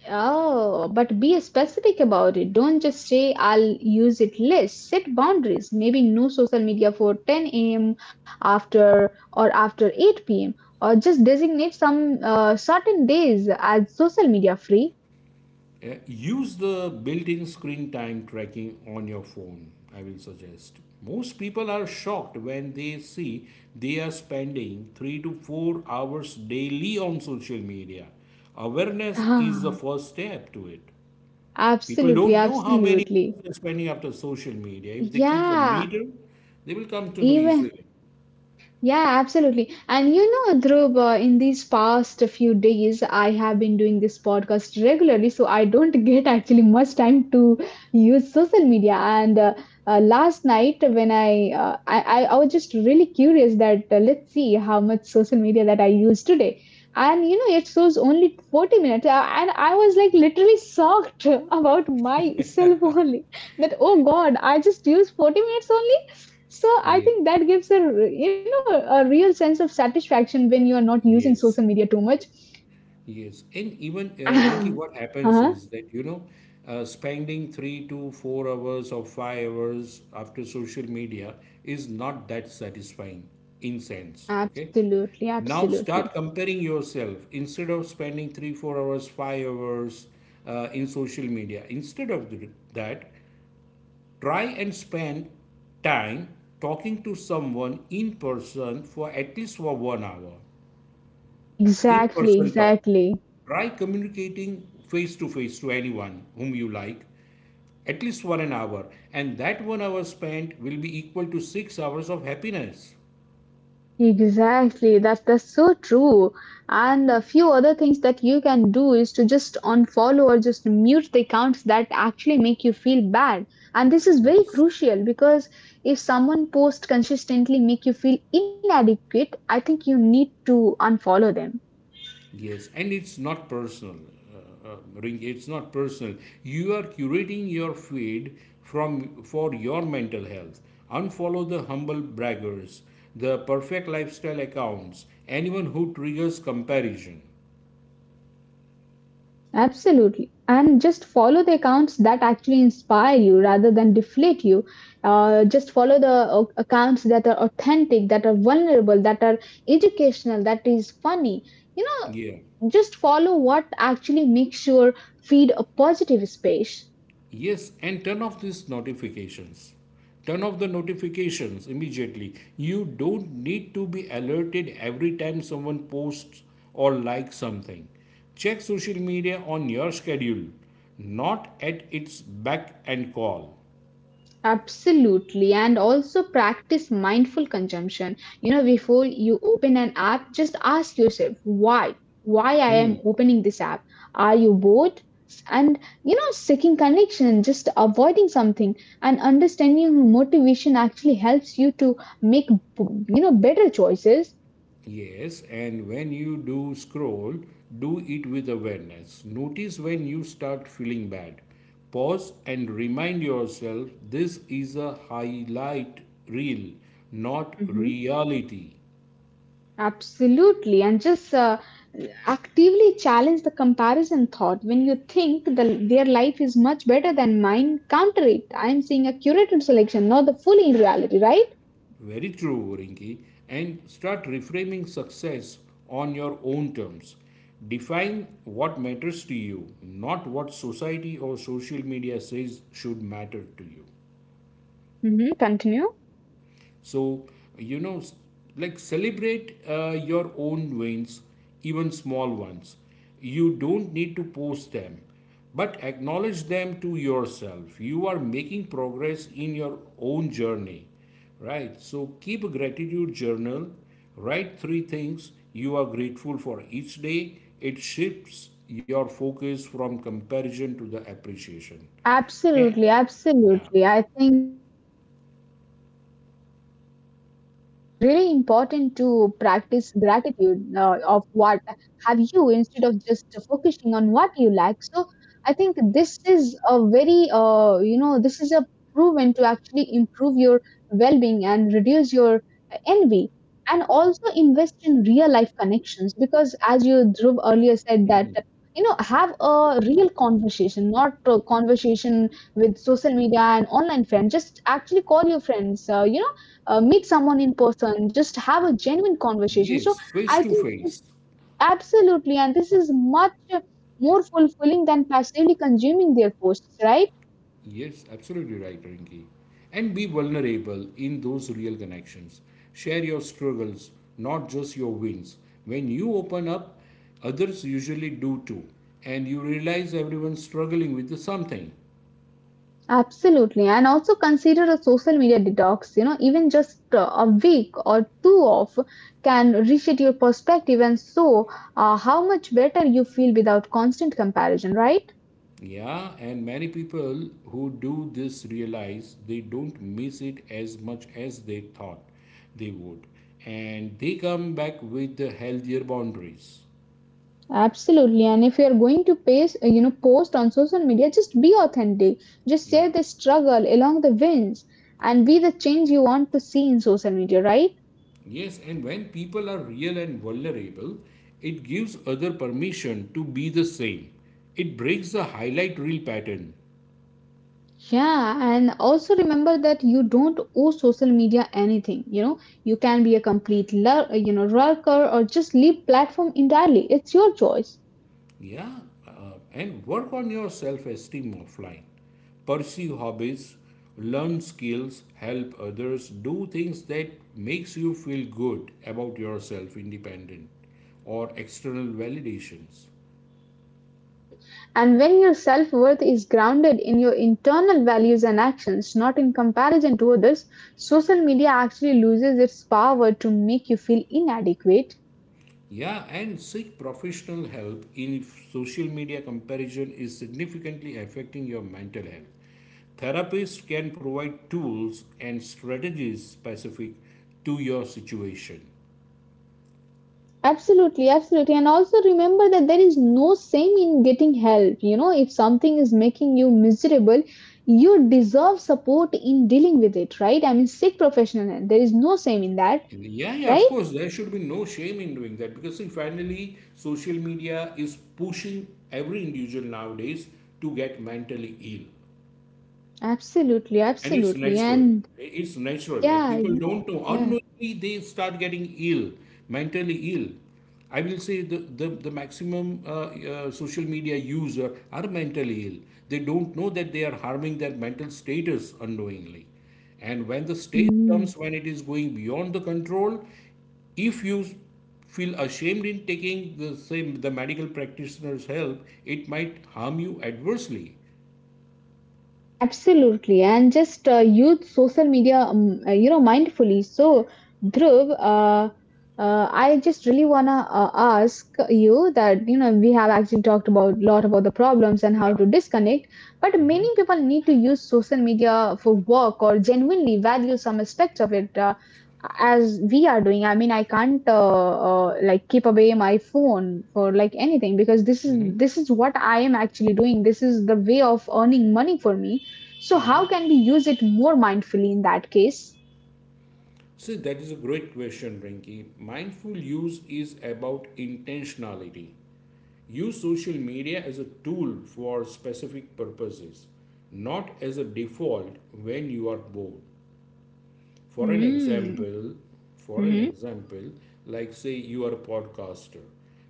Oh, but be specific about it. Don't just say I'll use it less. Set boundaries. Maybe no social media for ten a m after or after eight p m. Or just designate some uh, certain days as social media free.
Uh, Use the built in screen time tracking on your phone, I will suggest. Most people are shocked when they see they are spending three to four hours daily on social media. Awareness is the
Ah,
first step to it. People
absolutely,
don't know how many
absolutely.
hours they're spending after social media. If they keep the
Yeah,
meter, they will come to know
even
easily.
Yeah, absolutely. And you know, Dhruv, uh, in these past few days, I have been doing this podcast regularly, so I don't get actually much time to use social media. And uh, uh, last night, when I, uh, I I I was just really curious that uh, let's see how much social media that I use today. And you know, it shows only forty minutes. Uh, and I was like literally shocked about myself only that, oh God, I just use forty minutes only. So I
Yep.
think that gives a r- you know, a real sense of satisfaction when you are not using social
Yes.
media too much.
Yes, and even uh, Rinky, what
Uh
happens
huh?
is that you know, uh, spending three to four hours or five hours after social media is not that satisfying in sense. Okay,
Absolutely,
now
absolutely.
start comparing yourself instead of spending three, four hours, five hours uh, in social media. Instead of th- that, try and spend time talking to someone in person for at least for one hour in
Exactly,
person talks.
exactly,
Try communicating face to face to anyone whom you like, at least for an hour, and that one hour spent will be equal to six hours of happiness.
exactly. That's that's so true. And a few other things that you can do is to just unfollow or just mute the accounts that actually make you feel bad. And this is very
Yes,
crucial because if someone posts consistently make you feel inadequate, I think you need to unfollow them.
yes, and it's not personal. Uh, uh, Ring, it's not personal. You are curating your feed from for your mental health. Unfollow the humble braggers, the perfect lifestyle accounts, anyone who triggers comparison.
Absolutely. And just follow the accounts that actually inspire you rather than deflate you. Uh, just follow the uh, accounts that are authentic, that are vulnerable, that are educational, that is funny. You
Yeah.
know, just follow what actually makes your feed a positive space.
Yes, and turn off these notifications. Turn off the notifications immediately. You don't need to be alerted every time someone posts or likes something. Check social media on your schedule, not at its beck and call.
Absolutely, and also practice mindful consumption. You know, before you open an app, just ask yourself why? Why I am opening this app? Are you bored? And you know, seeking connection, just avoiding something, and understanding motivation actually helps you to make you know better choices.
Yes, and when you do scroll, do it with awareness. Notice when you start feeling bad. Pause and remind yourself this is a highlight reel, not reality.
Absolutely, and just uh, actively challenge the comparison thought. When you think the, their life is much better than mine, counter it. I am seeing a curated selection, not the fully in reality, right?
Very true, Rinki. And start reframing success on your own terms. Define what matters to you, not what society or social media says should matter to you.
Hmm, continue.
So, you know, like celebrate uh, your own wins, even small ones. You don't need to post them, but acknowledge them to yourself. You are making progress in your own journey, right? So, keep a gratitude journal. Write three things you are grateful for each day. It shifts your focus from comparison to the appreciation. And,
Absolutely,
yeah.
absolutely. I think, uh, as Dhruv said, it's really important to practice gratitude uh, of what have you instead of just focusing on what you lack. So I think this is a very, uh, you know, this is a proven to actually improve your well being and reduce your envy. And also invest in real life connections because, as you Dhruv earlier said, that you know have a real conversation, not a conversation with social media and online friends. Just actually call your friends, uh, you know uh, meet someone in person. Just have a genuine conversation. So
Yes,
I
face to
think
face.
this, absolutely, and this is much more fulfilling than passively consuming their posts, right?
Yes, absolutely right, Rinki. And be vulnerable in those real connections. Share your struggles, not just your wins. When you open up, others usually do too. And you realize everyone's struggling with something.
Absolutely. And also consider a social media detox. You know, even just uh, a week or two off can reshape your perspective. And so uh, how much better you feel without constant comparison, right?
Yeah, and many people who do this realize they don't miss it as much as they thought they would. And they come back with the healthier boundaries.
Absolutely. And if you're going to paste, uh, you know, post on social media, just be authentic. Just
Yeah.
share the struggle along the wins and be the change you want to see in social media, right?
Yes, and when people are real and vulnerable, it gives other permission to be the same. It breaks the highlight reel pattern.
Yeah, and also remember that you don't owe social media anything. You know, you can be a complete, lur- you know, lurker, or just leave platform entirely. It's your choice.
Yeah, uh, and work on your self-esteem offline. Pursue hobbies, learn skills, help others, do things that makes you feel good about yourself independent or external validations.
Hmm? And when your self worth is grounded in your internal values and actions, not in comparison to others, social media actually loses its power to make you feel inadequate.
Yeah, and seek professional help if social media comparison is significantly affecting your mental health. Therapists can provide tools and strategies specific to your situation.
Absolutely, absolutely. And also remember that there is no shame in getting help. You know, if something is making you miserable, you deserve support in dealing with it, right? I mean, seek professional help. There is no shame in that,
Yeah, yeah, of
right?
course, there should be no shame in doing that, because see, finally, social media is pushing every individual nowadays to get mentally ill.
Absolutely,
And it's
absolutely.
natural.
And
It's natural. Like
yeah,
people
yeah,
don't know,
yeah.
unknowingly they start getting ill, mentally ill. I will say the the, the maximum uh, uh, social media user are mentally ill. They don't know that they are harming their mental status unknowingly. And when the stage
Mm.
comes when it is going beyond the control, if you feel ashamed in taking the same, the medical practitioner's help, it might harm you adversely.
Absolutely. And just uh, use social media, um, uh, you know, mindfully. So, Dhruv, uh, uh, I just really wanna uh, ask you that you know we have actually talked about lot about the problems and
Yeah.
how to disconnect, but many
Mhm.
people need to use social media for work or genuinely value some aspect of it. Uh, as we are doing. I mean, I can't uh, uh, like keep away my phone for like anything because this is this is what I am actually doing. This is the way of earning money for me. So how can we use it more mindfully in that case?
See, that is a great question, Rinki. Mindful use is about intentionality. Use social media as a tool for specific purposes, not as a default when you are bored. For an
Mm-hmm.
example, for an example, like say you are a podcaster,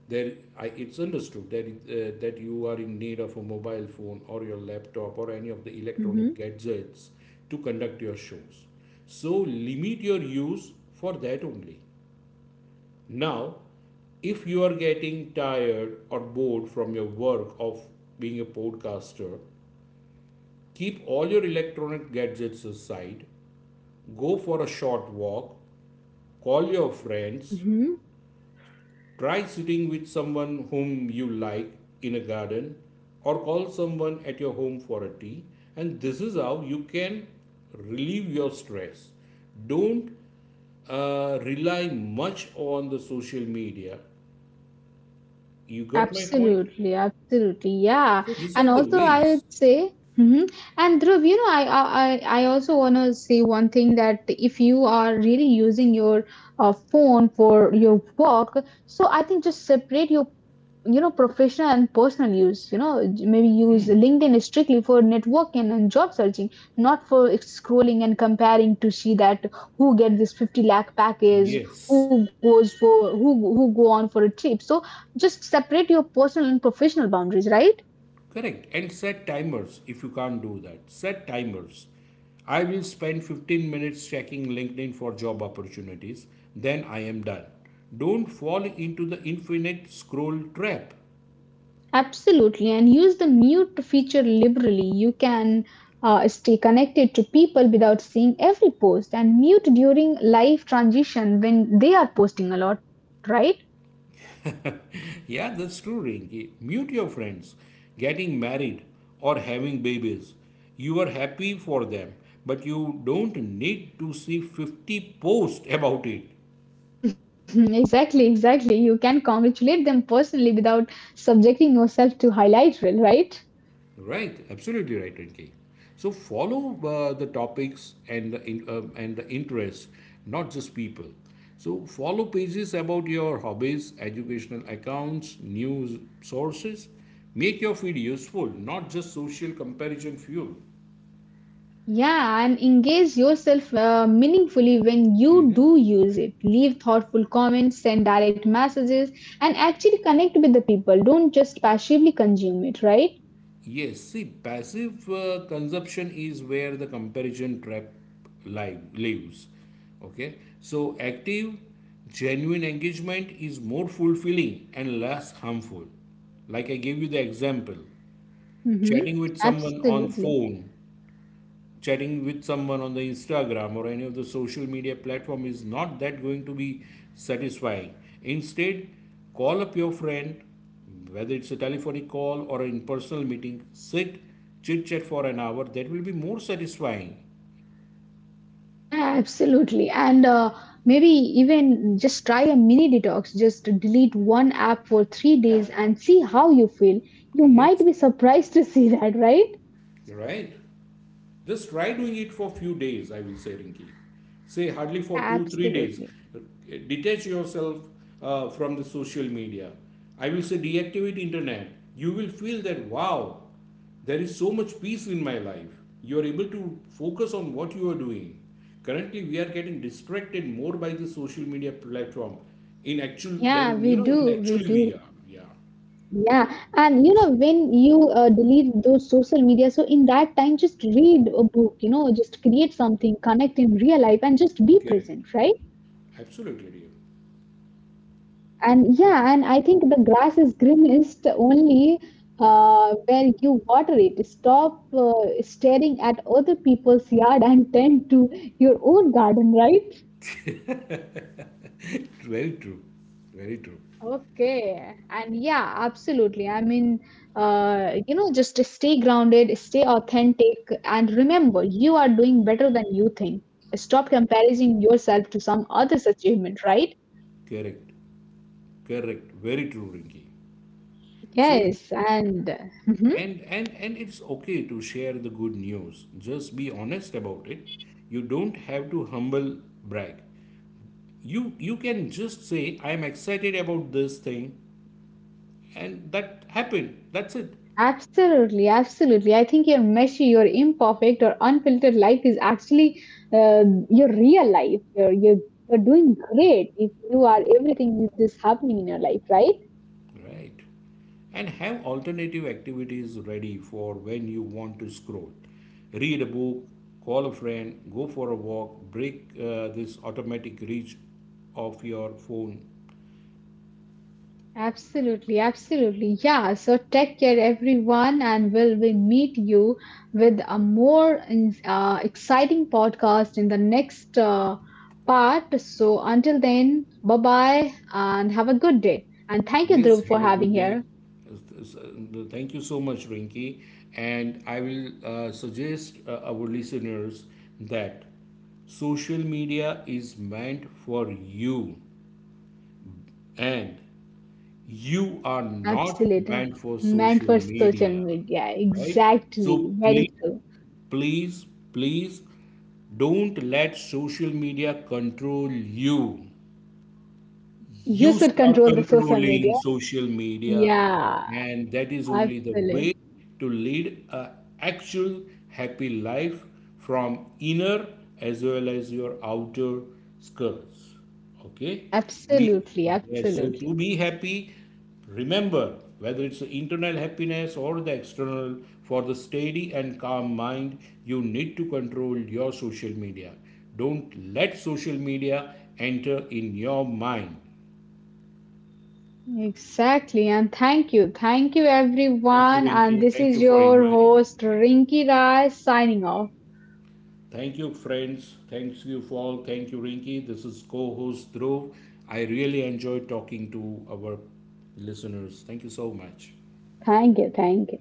there I, it's understood that uh, that you are in need of a mobile phone or your laptop or any of the electronic
Mm-hmm.
gadgets to conduct your shows. So limit your use for that only. Now, if you are getting tired or bored from your work of being a podcaster, keep all your electronic gadgets aside, go for a short walk, call your friends.
Mm-hmm.
Try sitting with someone whom you like in a garden or call someone at your home for a tea. And this is how you can relieve your stress. Don't uh, rely much on the social media. You got my point?
Absolutely, absolutely, yeah.
So these are
And
the
also, I
ways.
would say, mm-hmm. And Dhruv, you know, I I I I also want to say one thing that if you are really using your uh, phone for your work, so I think just separate your you know professional and personal use, you know, maybe use LinkedIn strictly for networking and job searching, not for scrolling and comparing to see that who get this fifty lakh package,
Yes.
who goes for, who who go on for a trip. So just separate your personal and professional boundaries, right?
Correct. And set timers if you can't do that. Set timers. I will spend fifteen minutes checking LinkedIn for job opportunities, then I am done. Don't fall into the infinite scroll trap.
Absolutely, and use the mute feature liberally. You can uh, stay connected to people without seeing every post and mute during live transition when they are posting a lot, right?
Yeah, that's true, Rinki. Mute your friends. Getting married or having babies. You are happy for them, but you don't need to see fifty posts about it.
Mhm, exactly, exactly. You can congratulate them personally without subjecting yourself to highlight reel, right?
Right, absolutely right, Rinki. So follow uh, the topics and the in, um, and the interests, not just people. So follow pages about your hobbies, educational accounts, news sources. Make your feed useful, not just social comparison fuel.
Yeah, and engage yourself uh, meaningfully when you do use it. Leave thoughtful comments, send direct messages, and actually connect with the people. Don't just passively consume it, right?
Yes, see, passive uh, consumption is where the comparison trap li- lives. Okay, so active, genuine engagement is more fulfilling and less harmful. Like I gave you the example,
Mm-hmm.
chatting with someone on
Absolutely.
phone, chatting with someone on the Instagram or any of the social media platform is not that going to be satisfying. Instead, call up your friend, whether it's a telephonic call or an in personal meeting, sit, chit chat for an hour. That will be more satisfying.
Yeah, absolutely. And uh, maybe even just try a mini detox. Just delete one app for three days and see how you feel. You might
Yes,
be surprised to see that, right?
you're right. Just try doing it for few days, I will say, Rinki. Say hardly
Yeah,
for two, three days.
absolutely.
Detach yourself uh, from the social media. I will say deactivate internet. You will feel that wow, there is so much peace in my life. You are able to focus on what you are doing. Currently, we are getting distracted more by the social media platform in actual
Yeah,
than you
we
know in
do. We
actually
do.
we are. Yeah,
Yeah. And you know, when you uh, delete those social media, so in that time, just read a book, you know, just create something, connect in real life, and just be
correct.
present, right?
Absolutely, dear.
And yeah, and I think the grass is greenest only uh, where you water it. Stop uh, staring at other people's yard and tend to your own garden, right?
Very true. Very true.
Okay, and yeah, absolutely. I mean, uh, you know, just stay grounded, stay authentic, and remember, you are doing better than you think. Stop comparing yourself to some other's achievement, right?
Correct. Correct. Very true, Rinki. So,
Yes, and Mhm.
and and and it's okay to share the good news. Just be honest about it. You don't have to humble brag. You you can just say I am excited about this thing and that happened. That's it.
Absolutely, absolutely. I think your messy, your imperfect, or unfiltered life is actually uh, your real life. You're, you're you're doing great if you are everything is this happening in your life, right?
Right. And have alternative activities ready for when you want to scroll. Read a book, call a friend, go for a walk, break uh, this automatic reach of your phone.
Absolutely, absolutely. Yeah, so take care, everyone, and we'll we meet you with a more in- uh, exciting podcast in the next uh, part. So until then, bye bye, and have a good day. And thank you,
Yes,
Dhruv, for
have a
having
good day.
here.
Thank you so much, Rinky. And I will uh, suggest uh, our listeners that social media is meant for you, and you are not
Absolutely.
meant for
Meant
social
for social
media,
media.
right? So
Exactly. Very
please,
true.
please, please don't let social media control you.
You
You
should
start
control the social
controlling
media.
social media,
Yeah.
and that is only the way
Absolutely.
to lead a actual happy life from inner as well as your outer skirts. Okay. We,
Absolutely.
yes, so
Absolutely.
to be happy, remember, whether it's the internal happiness or the external, for the steady and calm mind, you need to control your social media. Don't let social media enter in your mind.
Exactly. And thank you. Thank you,
Thank you,
everyone. And
Rinky.
this
Thank
is
you for
your
inviting.
host, Rinki Rai, signing off.
Thank you, friends. Thank you for all. Thank you, Rinky. This is co host Dhruv. I really enjoyed talking to our listeners. Thank you so much.
Thank you. Thank you.